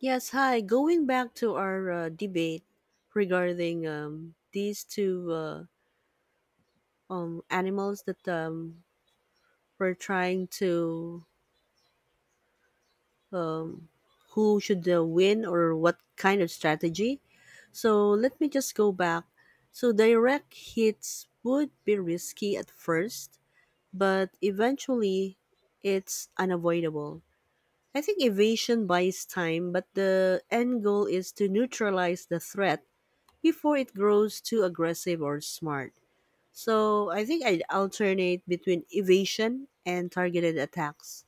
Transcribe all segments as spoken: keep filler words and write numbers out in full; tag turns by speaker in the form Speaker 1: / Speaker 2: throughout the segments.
Speaker 1: Yes, hi. Going back to our uh, debate regarding um, these two uh, um, animals that um, we're trying to um, who should uh, win or what kind of strategy. So let me just go back. So direct hits would be risky at first, but eventually it's unavoidable. I think evasion buys time, but the end goal is to neutralize the threat before it grows too aggressive or smart. So I think I'd alternate between evasion and targeted attacks,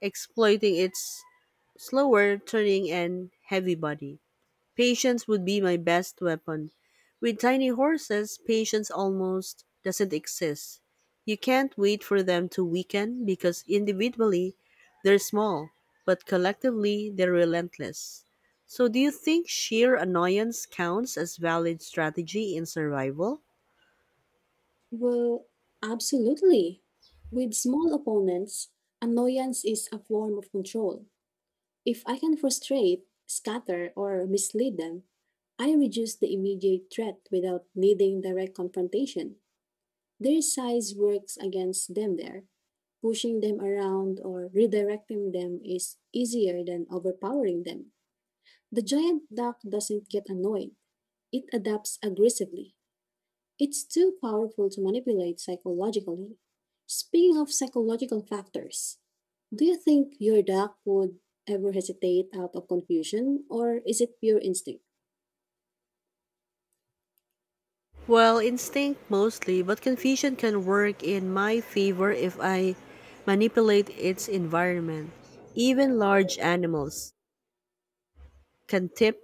Speaker 1: exploiting its slower turning and heavy body. Patience would be my best weapon. With tiny horses, patience almost doesn't exist. You can't wait for them to weaken because individually they're small, but collectively they're relentless. So, do you think sheer annoyance counts as valid strategy in survival?
Speaker 2: Well, absolutely. With small opponents, annoyance is a form of control. If I can frustrate, scatter, or mislead them, I reduce the immediate threat without needing direct confrontation. Their size works against them there. Pushing them around or redirecting them is easier than overpowering them. The giant duck doesn't get annoyed, it adapts aggressively. It's too powerful to manipulate psychologically. Speaking of psychological factors, do you think your dog would ever hesitate out of confusion, or is it pure instinct?
Speaker 1: Well, instinct mostly, but confusion can work in my favor if I manipulate its environment. Even large animals can tip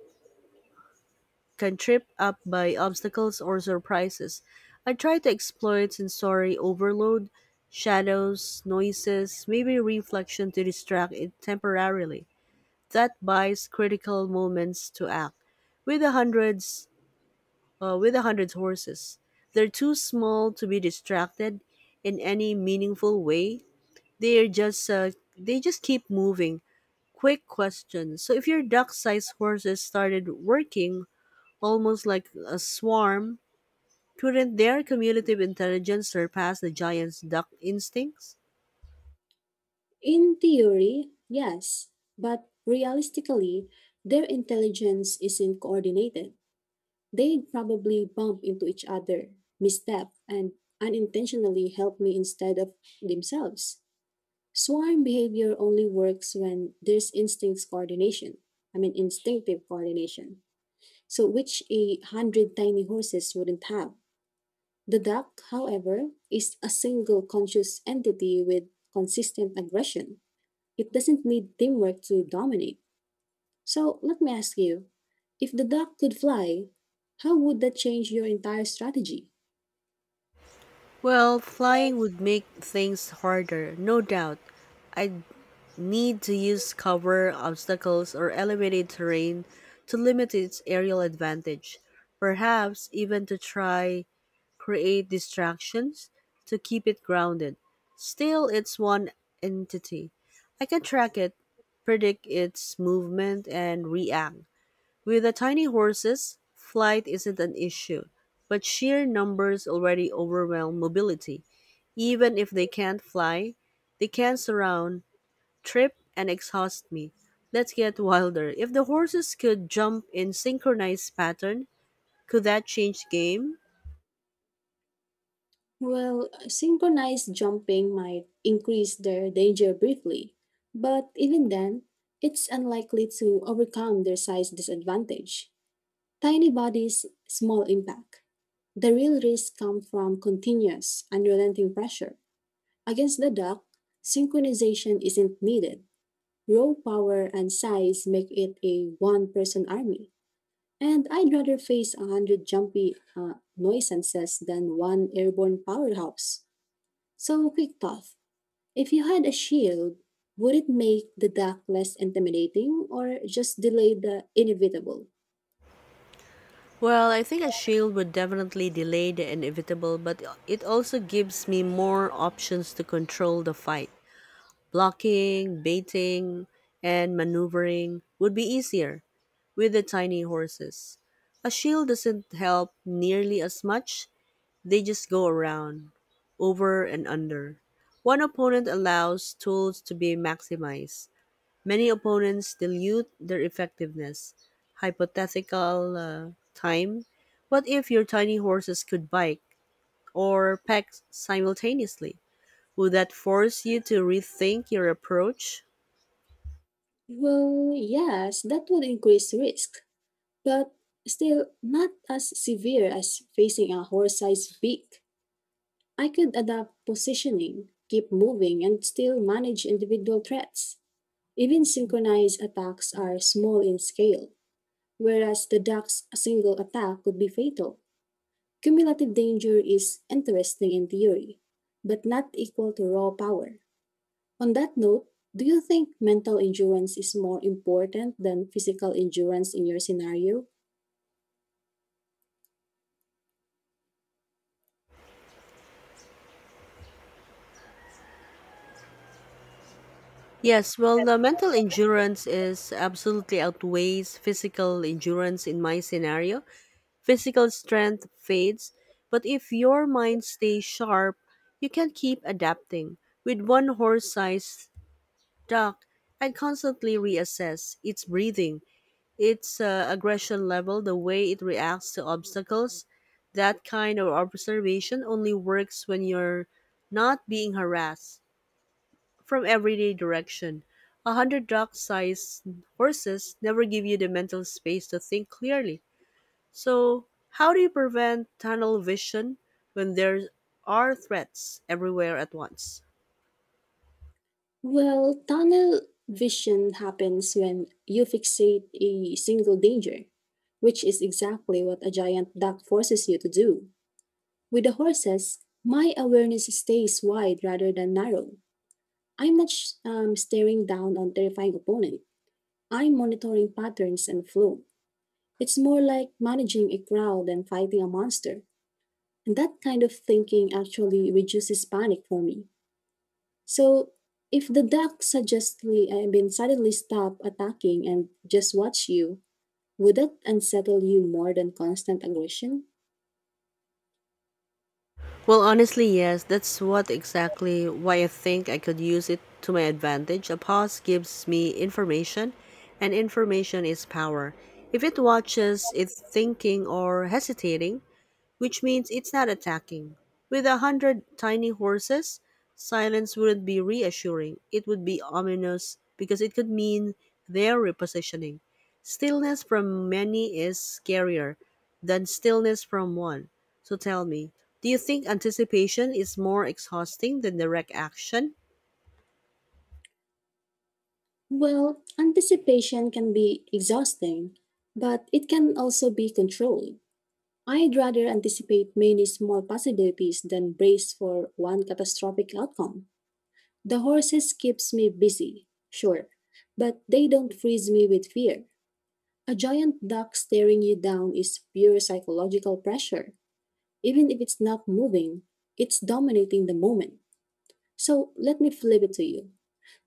Speaker 1: can trip up by obstacles or surprises. I try to exploit sensory overload, shadows, noises, maybe reflection to distract it temporarily. That buys critical moments to act. With the hundreds, uh, with the hundreds horses, they're too small to be distracted in any meaningful way. They're just uh, they just keep moving. Quick question. So if your duck-sized horses started working almost like a swarm, couldn't their cumulative intelligence surpass the giant's duck instincts?
Speaker 2: In theory, yes, but realistically, their intelligence isn't coordinated. They'd probably bump into each other, misstep, and unintentionally help me instead of themselves. Swarm behavior only works when there's instincts coordination. I mean, instinctive coordination. So, which a hundred tiny horses wouldn't have. The duck, however, is a single conscious entity with consistent aggression. It doesn't need teamwork to dominate. So, let me ask you, if the duck could fly, how would that change your entire strategy?
Speaker 1: Well, flying would make things harder, no doubt. I'd need to use cover, obstacles, or elevated terrain to limit its aerial advantage. Perhaps even to try create distractions to keep it grounded. Still, it's one entity. I can track it, predict its movement, and react. With the tiny horses, flight isn't an issue, but sheer numbers already overwhelm mobility. Even if they can't fly, they can surround, trip, and exhaust me. Let's get wilder. If the horses could jump in synchronized pattern, could that change the game?
Speaker 2: Well, synchronized jumping might increase their danger briefly, but even then, it's unlikely to overcome their size disadvantage. Tiny bodies, small impact. The real risk comes from continuous, unrelenting pressure. Against the duck, synchronization isn't needed. Raw power and size make it a one person army. And I'd rather face a hundred jumpy uh, noisances than one airborne powerhouse. So, quick thought. If you had a shield, would it make the dark less intimidating or just delay the inevitable?
Speaker 1: Well, I think a shield would definitely delay the inevitable, but it also gives me more options to control the fight. Blocking, baiting, and maneuvering would be easier with the tiny horses. A shield doesn't help nearly as much, they just go around, over and under. One opponent allows tools to be maximized. Many opponents dilute their effectiveness. Hypothetical uh, time. What if your tiny horses could bike or peck simultaneously? Would that force you to rethink your approach?
Speaker 2: Well, yes, that would increase risk, but still not as severe as facing a horse sized beak. I could adapt positioning, keep moving, and still manage individual threats. Even synchronized attacks are small in scale, whereas the duck's single attack could be fatal. Cumulative danger is interesting in theory, but not equal to raw power. On that note, do you think mental endurance is more important than physical endurance in your scenario?
Speaker 1: Yes, well, the mental endurance is absolutely outweighs physical endurance in my scenario. Physical strength fades, but if your mind stays sharp, you can keep adapting. With one horse-sized duck, I constantly reassess its breathing, its uh, aggression level, the way it reacts to obstacles. That kind of observation only works when you're not being harassed from everyday direction. A hundred dog sized horses never give you the mental space to think clearly. So, how do you prevent tunnel vision when there are threats everywhere at once?
Speaker 2: Well, tunnel vision happens when you fixate a single danger, which is exactly what a giant duck forces you to do. With the horses, my awareness stays wide rather than narrow. I'm not sh- um, staring down on terrifying opponents. I'm monitoring patterns and flow. It's more like managing a crowd than fighting a monster. And that kind of thinking actually reduces panic for me. So, if the duck suggestively, I mean, suddenly stop attacking and just watch you, would that unsettle you more than constant aggression?
Speaker 1: Well, honestly, yes, that's what exactly why I think I could use it to my advantage. A pause gives me information, and information is power. If it watches it thinking or hesitating, which means it's not attacking. With a hundred tiny horses, silence wouldn't be reassuring. It would be ominous because it could mean they're repositioning. Stillness from many is scarier than stillness from one. So tell me, do you think anticipation is more exhausting than direct action?
Speaker 2: Well, anticipation can be exhausting, but it can also be controlled. I'd rather anticipate many small possibilities than brace for one catastrophic outcome. The horses keeps me busy, sure, but they don't freeze me with fear. A giant duck staring you down is pure psychological pressure. Even if it's not moving, it's dominating the moment. So let me flip it to you.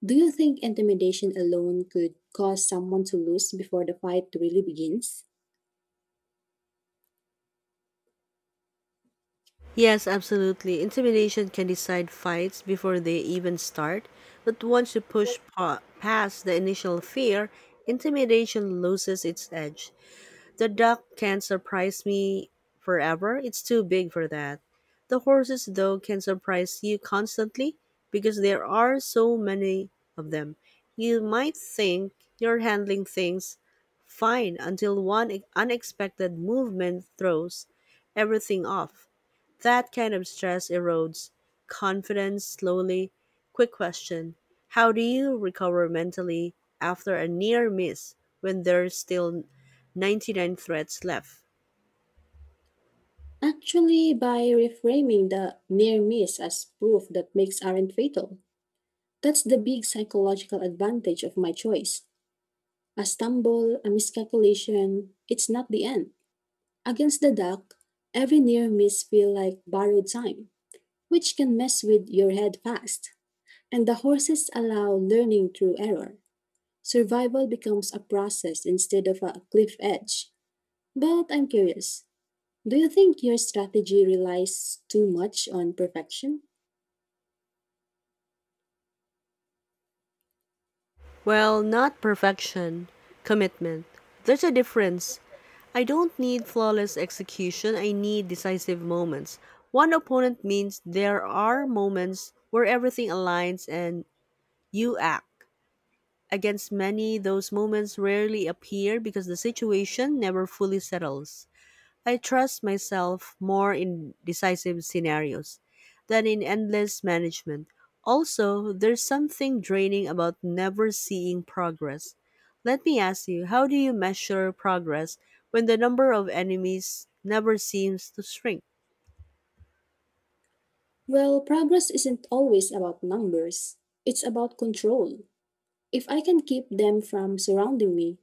Speaker 2: Do you think intimidation alone could cause someone to lose before the fight really begins?
Speaker 1: Yes, absolutely. Intimidation can decide fights before they even start, but once you push pa- past the initial fear, intimidation loses its edge. The duck can't surprise me forever, it's too big for that. The horses, though, can surprise you constantly because there are so many of them. You might think you're handling things fine until one unexpected movement throws everything off. That kind of stress erodes confidence slowly. Quick question. How do you recover mentally after a near miss when there's still ninety-nine threats left?
Speaker 2: Actually, by reframing the near miss as proof that makes aren't fatal. That's the big psychological advantage of my choice. A stumble, a miscalculation, it's not the end. Against the dark, every near miss feel like borrowed time, which can mess with your head fast. And the horses allow learning through error. Survival becomes a process instead of a cliff edge. But I'm curious, do you think your strategy relies too much on perfection?
Speaker 1: Well, not perfection, commitment. There's a difference. I don't need flawless execution, I need decisive moments. One opponent means there are moments where everything aligns and you act. Against many, those moments rarely appear because the situation never fully settles. I trust myself more in decisive scenarios than in endless management. Also, there's something draining about never seeing progress. Let me ask you, how do you measure progress when the number of enemies never seems to shrink?
Speaker 2: Well, progress isn't always about numbers, it's about control. If I can keep them from surrounding me,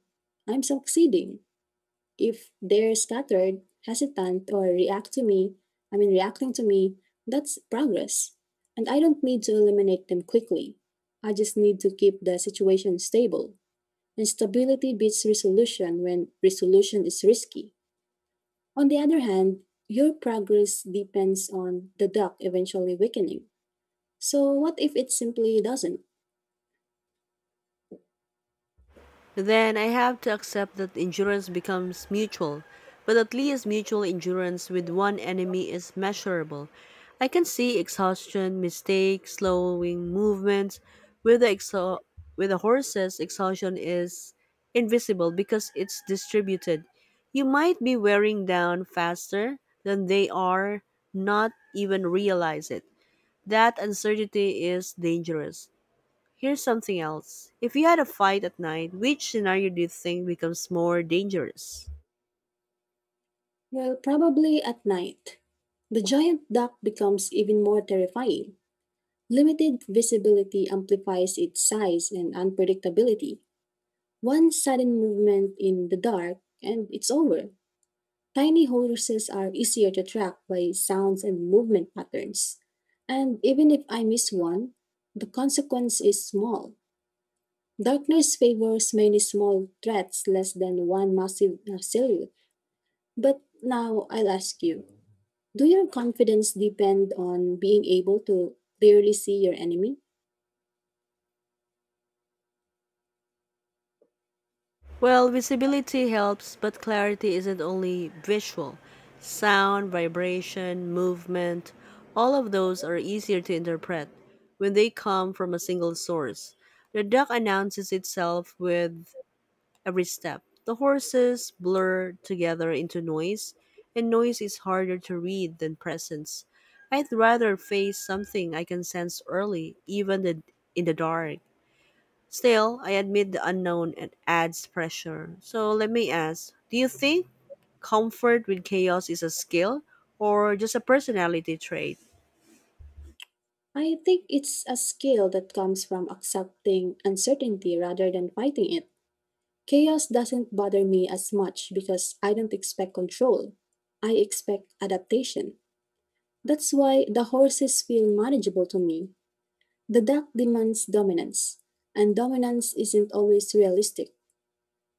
Speaker 2: I'm succeeding. If they're scattered, hesitant, or react to me, I mean, reacting to me, that's progress. And I don't need to eliminate them quickly. I just need to keep the situation stable. And stability beats resolution when resolution is risky. On the other hand, your progress depends on the duck eventually weakening. So, what if it simply doesn't?
Speaker 1: Then I have to accept that endurance becomes mutual, but at least mutual endurance with one enemy is measurable. I can see exhaustion, mistakes, slowing movements. With the exo- with the horses, exhaustion is invisible because it's distributed. You might be wearing down faster than they are, not even realize it. That uncertainty is dangerous. Here's something else. If you had a fight at night, which scenario do you think becomes more dangerous?
Speaker 2: Well, probably at night. The giant duck becomes even more terrifying. Limited visibility amplifies its size and unpredictability. One sudden movement in the dark, and it's over. Tiny horses are easier to track by sounds and movement patterns. And even if I miss one, the consequence is small. Darkness favors many small threats less than one massive uh, silhouette. But now I'll ask you, do your confidence depend on being able to clearly see your enemy?
Speaker 1: Well, visibility helps, but clarity isn't only visual. Sound, vibration, movement, all of those are easier to interpret when they come from a single source. The duck announces itself with every step, the horses blur together into noise, and noise is harder to read than presence. I'd rather face something I can sense early, even the, in the dark. Still, I admit the unknown and adds pressure. So let me ask, do you think comfort with chaos is a skill or just a personality trait?
Speaker 2: I think it's a skill that comes from accepting uncertainty rather than fighting it. Chaos doesn't bother me as much because I don't expect control. I expect adaptation. That's why the horses feel manageable to me. The duck demands dominance, and dominance isn't always realistic.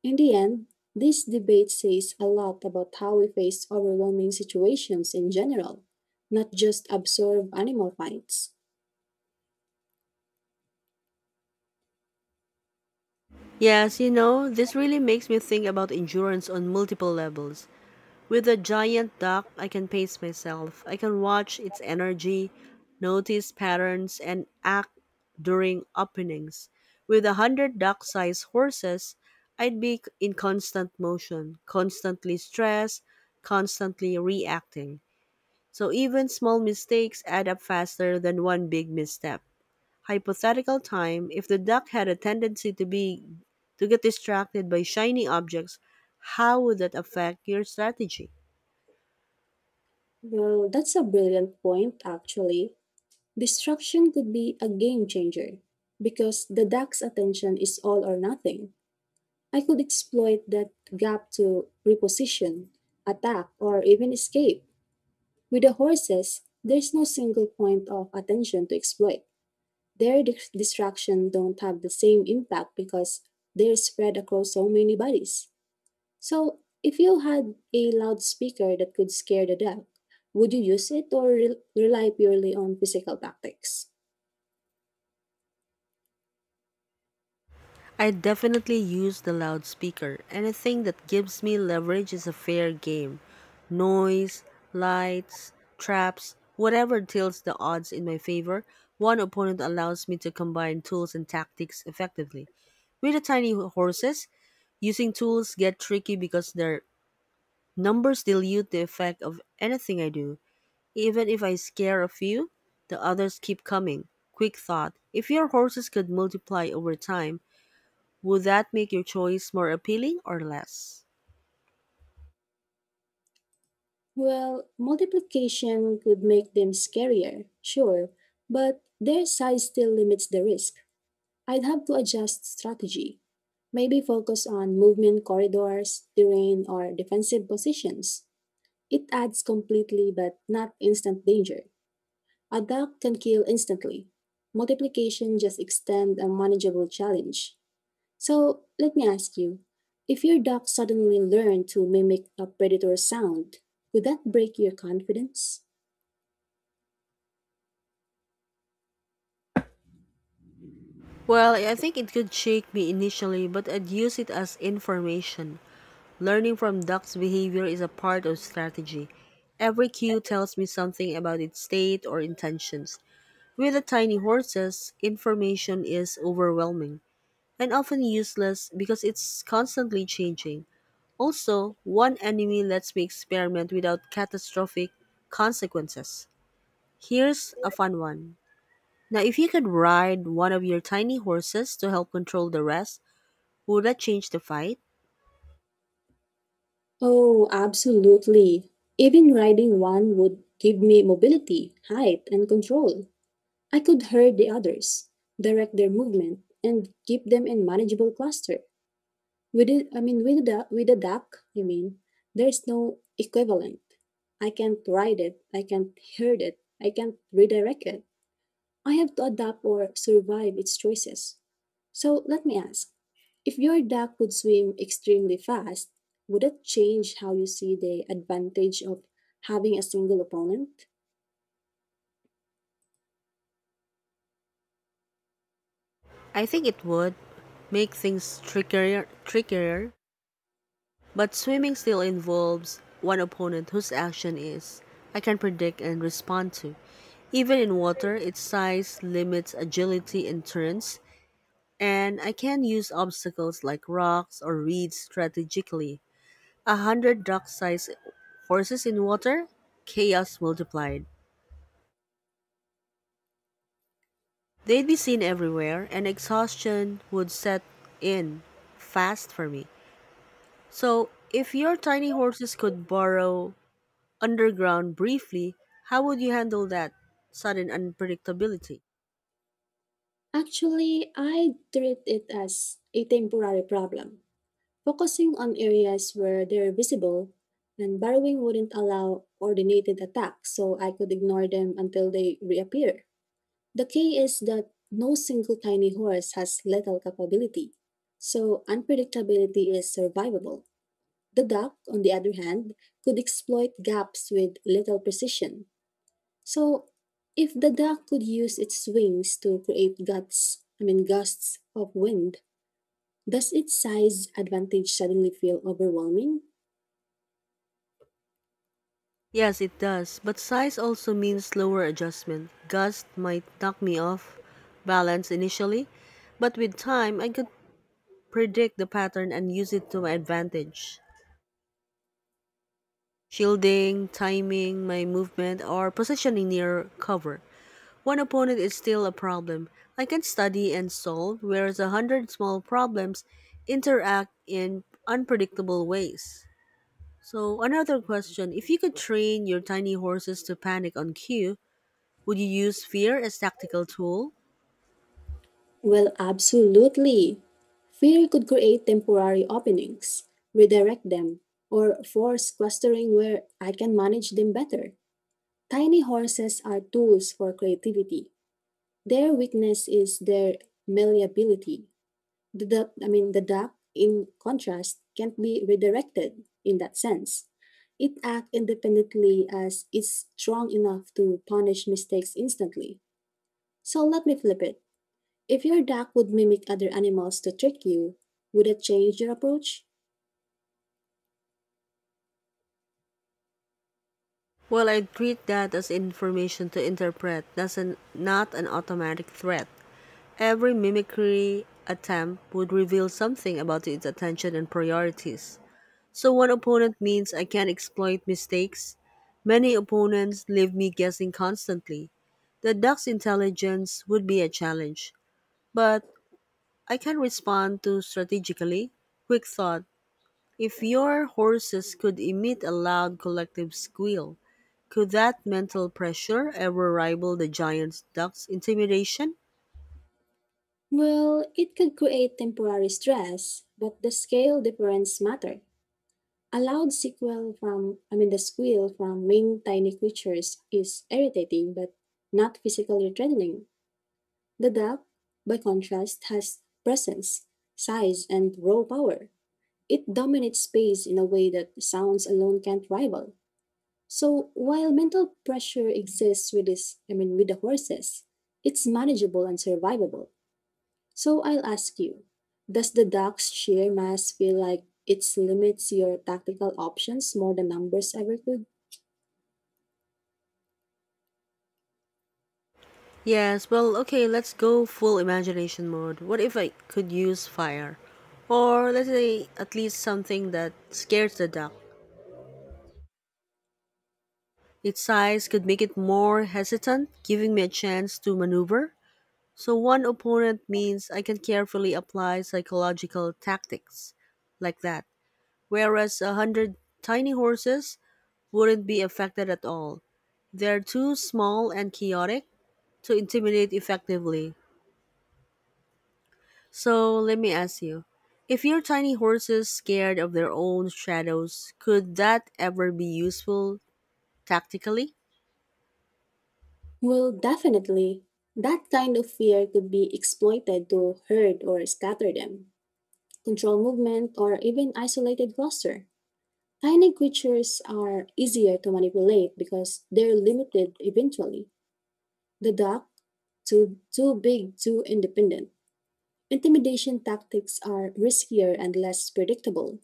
Speaker 2: In the end, this debate says a lot about how we face overwhelming situations in general, not just absorb animal fights.
Speaker 1: Yes, you know, this really makes me think about endurance on multiple levels. With a giant duck, I can pace myself. I can watch its energy, notice patterns, and act during openings. With a hundred duck sized horses, I'd be in constant motion, constantly stressed, constantly reacting. So even small mistakes add up faster than one big misstep. Hypothetical time, if the duck had a tendency to be to get distracted by shiny objects, how would that affect your strategy?
Speaker 2: Well, that's a brilliant point, actually. Destruction could be a game changer because the duck's attention is all or nothing. I could exploit that gap to reposition, attack, or even escape. With the horses, there's no single point of attention to exploit. Their dis- distraction don't have the same impact because they're spread across so many bodies. So, if you had a loudspeaker that could scare the dog, would you use it or re- rely purely on physical tactics?
Speaker 1: I definitely use the loudspeaker. Anything that gives me leverage is a fair game. Noise, lights, traps, whatever tilts the odds in my favor, one opponent allows me to combine tools and tactics effectively. With the tiny horses, using tools get tricky because their numbers dilute the effect of anything I do. Even if I scare a few, the others keep coming. Quick thought. If your horses could multiply over time, would that make your choice more appealing or less?
Speaker 2: Well, multiplication could make them scarier, sure, but their size still limits the risk. I'd have to adjust strategy. Maybe focus on movement corridors, terrain, or defensive positions. It adds completely but not instant danger. A duck can kill instantly. Multiplication just extends a manageable challenge. So let me ask you, if your duck suddenly learned to mimic a predator's sound, would that break your confidence?
Speaker 1: Well, I think it could shake me initially, but I'd use it as information. Learning from duck's behavior is a part of strategy. Every cue tells me something about its state or intentions. With the tiny horses, information is overwhelming and often useless because it's constantly changing. Also, one enemy lets me experiment without catastrophic consequences. Here's a fun one. Now, if you could ride one of your tiny horses to help control the rest, would that change the fight?
Speaker 2: Oh, absolutely. Even riding one would give me mobility, height, and control. I could herd the others, direct their movement, and keep them in manageable cluster. With it, I mean, with the with a duck, I mean, there's no equivalent. I can't ride it. I can't herd it. I can't redirect it. I have to adapt or survive its choices. So let me ask: if your duck could swim extremely fast, would that change how you see the advantage of having a single opponent?
Speaker 1: I think it would make things trickier, trickier. But swimming still involves one opponent whose action is I can predict and respond to. Even in water, its size limits agility and turns, and I can use obstacles like rocks or reeds strategically. A hundred duck-sized horses in water, chaos multiplied. They'd be seen everywhere, and exhaustion would set in fast for me. So, if your tiny horses could burrow underground briefly, how would you handle that sudden unpredictability?
Speaker 2: Actually, I treat it as a temporary problem, focusing on areas where they're visible and borrowing wouldn't allow coordinated attacks, so I could ignore them until they reappear. The key is that no single tiny horse has lethal capability, so unpredictability is survivable. The duck, on the other hand, could exploit gaps with little precision, so, if the duck could use its wings to create gusts I mean gusts of wind, does its size advantage suddenly feel overwhelming?
Speaker 1: Yes, it does, but size also means slower adjustment. Gust might knock me off balance initially, but with time, I could predict the pattern and use it to my advantage. Shielding, timing, my movement, or positioning near cover. One opponent is still a problem. I can study and solve, whereas a hundred small problems interact in unpredictable ways. So, another question, if you could train your tiny horses to panic on cue, would you use fear as tactical tool?
Speaker 2: Well, absolutely. Fear could create temporary openings, redirect them, or force clustering where I can manage them better. Tiny horses are tools for creativity. Their weakness is their malleability. The duck, I mean, the duck, in contrast, can't be redirected in that sense. It acts independently as it's strong enough to punish mistakes instantly. So let me flip it. If your duck would mimic other animals to trick you, would it change your approach?
Speaker 1: Well, I treat that as information to interpret, that's an, not an automatic threat. Every mimicry attempt would reveal something about its attention and priorities. So one opponent means I can't exploit mistakes. Many opponents leave me guessing constantly. The duck's intelligence would be a challenge, but I can respond to strategically. Quick thought. If your horses could emit a loud collective squeal, could that mental pressure ever rival the giant duck's intimidation?
Speaker 2: Well, it could create temporary stress, but the scale difference matters. A loud sequel from, I mean, the squeal from winged tiny creatures is irritating but not physically threatening. The duck, by contrast, has presence, size, and raw power. It dominates space in a way that sounds alone can't rival. So while mental pressure exists with this, I mean, with the horses, it's manageable and survivable. So I'll ask you, does the Ducks sheer mass feel like it limits your tactical options more than numbers ever could?
Speaker 1: Yes, well, okay, let's go full imagination mode. What if I could use fire? Or let's say at least something that scares the duck. Its size could make it more hesitant, giving me a chance to maneuver. So one opponent means I can carefully apply psychological tactics like that. Whereas a hundred tiny horses wouldn't be affected at all. They're too small and chaotic to intimidate effectively. So let me ask you, if your tiny horses scared of their own shadows, could that ever be useful tactically?
Speaker 2: Well, definitely. That kind of fear could be exploited to herd or scatter them, control movement, or even isolated cluster. Tiny creatures are easier to manipulate because they're limited eventually. The duck, too, too big, too independent. Intimidation tactics are riskier and less predictable.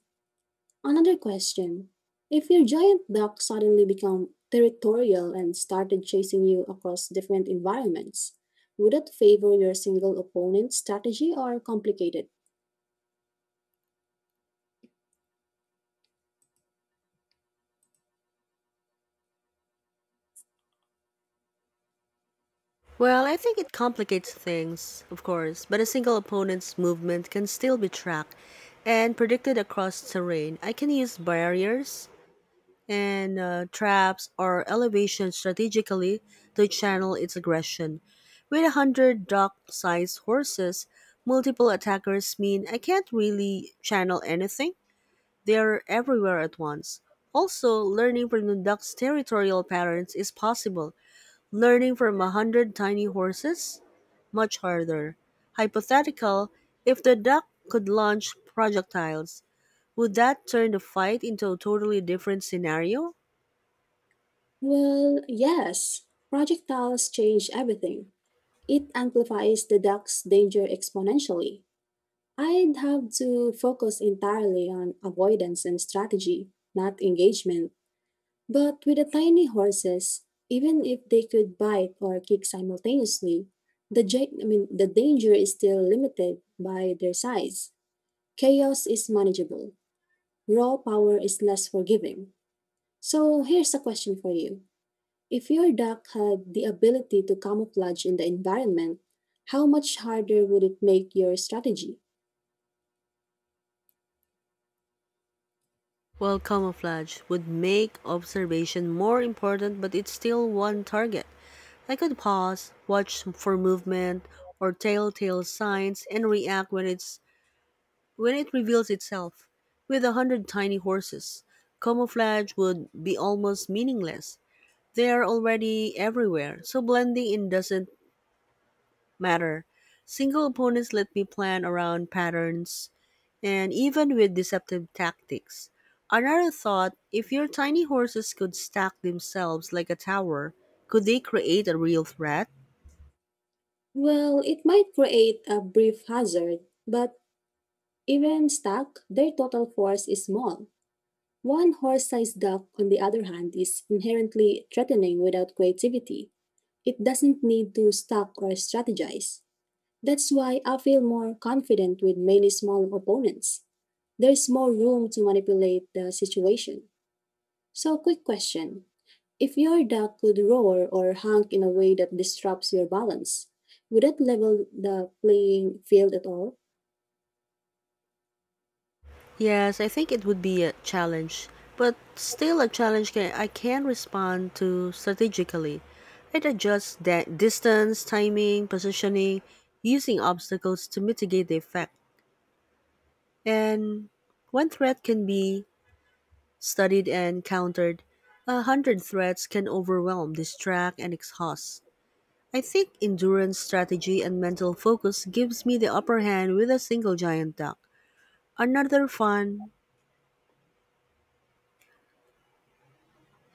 Speaker 2: Another question. If your giant duck suddenly became territorial and started chasing you across different environments, would it favor your single opponent strategy or complicated?
Speaker 1: Well, I think it complicates things, of course, but a single opponent's movement can still be tracked and predicted across terrain. I can use barriers and uh, traps or elevation strategically to channel its aggression. With a hundred dog-sized horses, multiple attackers mean I can't really channel anything. They're everywhere at once. Also, learning from the duck's territorial patterns is possible. Learning from a hundred tiny horses? Much harder. Hypothetical, if the duck could launch projectiles, would that turn the fight into a totally different scenario?
Speaker 2: Well, yes. Projectiles change everything. It amplifies the duck's danger exponentially. I'd have to focus entirely on avoidance and strategy, not engagement. But with the tiny horses, even if they could bite or kick simultaneously, the ja- I mean the danger is still limited by their size. Chaos is manageable. Raw power is less forgiving. So here's a question for you. If your duck had the ability to camouflage in the environment, how much harder would it make your strategy?
Speaker 1: Well, camouflage would make observation more important, but it's still one target. I could pause, watch for movement or telltale signs, and react when it's when it reveals itself. With a hundred tiny horses, camouflage would be almost meaningless. They are already everywhere, so blending in doesn't matter. Single opponents let me plan around patterns and even with deceptive tactics. Another thought, if your tiny horses could stack themselves like a tower, could they create a real threat?
Speaker 2: Well, it might create a brief hazard, but even stuck, their total force is small. One horse-sized duck, on the other hand, is inherently threatening without creativity. It doesn't need to stalk or strategize. That's why I feel more confident with many small opponents. There's more room to manipulate the situation. So, quick question. If your duck could roar or honk in a way that disrupts your balance, would that level the playing field at all?
Speaker 1: Yes, I think it would be a challenge, but still a challenge can, I can respond to strategically. I'd adjust that distance, timing, positioning, using obstacles to mitigate the effect. And one threat can be studied and countered. A hundred threats can overwhelm, distract, and exhaust. I think endurance strategy and mental focus gives me the upper hand with a single giant duck. Another fun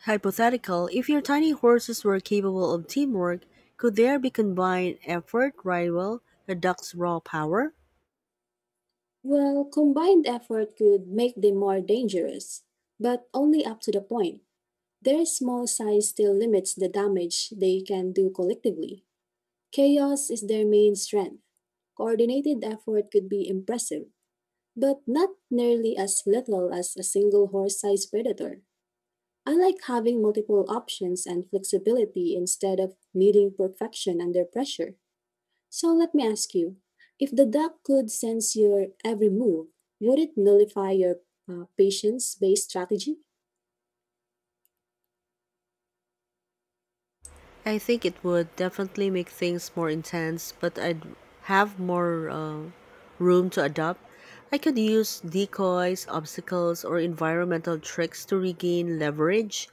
Speaker 1: hypothetical, if your tiny horses were capable of teamwork, could there be combined effort rival the duck's raw power?
Speaker 2: Well, combined effort could make them more dangerous, but only up to the point. Their small size still limits the damage they can do collectively. Chaos is their main strength. Coordinated effort could be impressive, but not nearly as lethal as a single horse sized predator. I like having multiple options and flexibility instead of needing perfection under pressure. So let me ask you, if the duck could sense your every move, would it nullify your uh, patience-based strategy?
Speaker 1: I think it would definitely make things more intense, but I'd have more uh, room to adapt. I could use decoys, obstacles, or environmental tricks to regain leverage.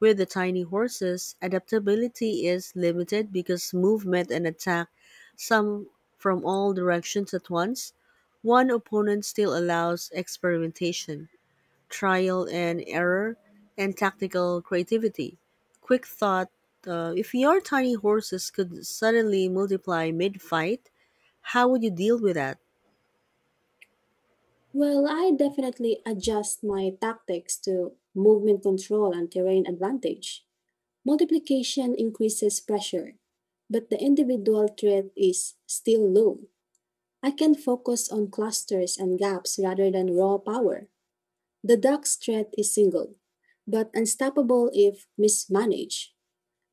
Speaker 1: With the tiny horses, adaptability is limited because movement and attack some from all directions at once. One opponent still allows experimentation, trial and error, and tactical creativity. Quick thought, uh, if your tiny horses could suddenly multiply mid fight, how would you deal with that?
Speaker 2: Well, I definitely adjust my tactics to movement control and terrain advantage. Multiplication increases pressure, but the individual threat is still low. I can focus on clusters and gaps rather than raw power. The duck's threat is single, but unstoppable if mismanaged.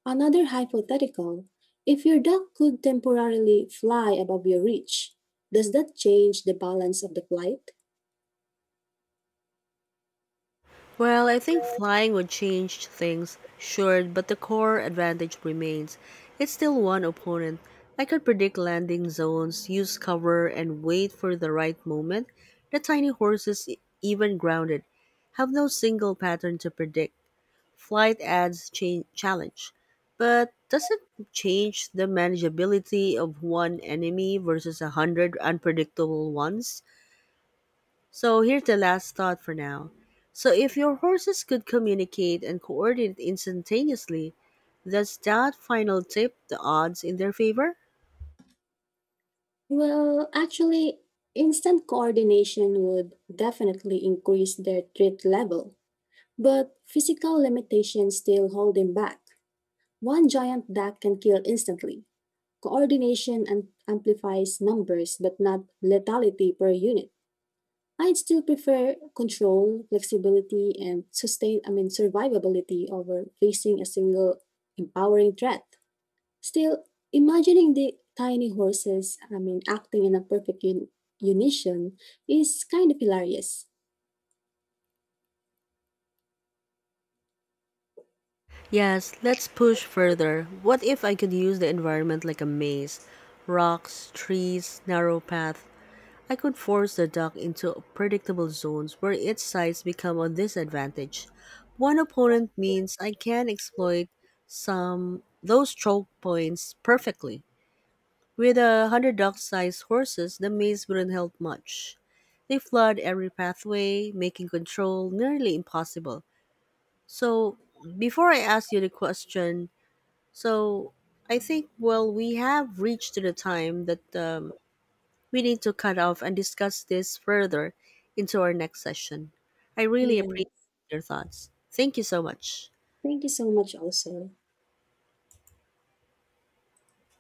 Speaker 2: Another hypothetical, if your duck could temporarily fly above your reach, does that change the balance of the flight?
Speaker 1: Well, I think flying would change things, sure, but the core advantage remains. It's still one opponent. I could predict landing zones, use cover, and wait for the right moment. The tiny horses, e- even grounded, have no single pattern to predict. Flight adds cha- challenge, but does it change the manageability of one enemy versus a hundred unpredictable ones? So here's the last thought for now. So if your horses could communicate and coordinate instantaneously, does that final tip the odds in their favor?
Speaker 2: Well, actually, instant coordination would definitely increase their threat level, but physical limitations still hold them back. One giant duck can kill instantly. Coordination am- amplifies numbers but not lethality per unit. I'd still prefer control, flexibility, and sustain I mean survivability over facing a single empowering threat. Still, imagining the tiny horses, I mean, acting in a perfect un- unison is kind of hilarious.
Speaker 1: Yes, let's push further. What if I could use the environment like a maze? Rocks, trees, narrow path. I could force the duck into predictable zones where its sides become a disadvantage. One opponent means I can exploit some those choke points perfectly. With a hundred dog-sized horses, the maze wouldn't help much. They flood every pathway, making control nearly impossible. So, before I ask you the question, so I think well we have reached to the time that um, we need to cut off and discuss this further into our next session. I really
Speaker 2: Yeah.
Speaker 1: appreciate your thoughts. Thank you so much.
Speaker 2: Thank you so much also.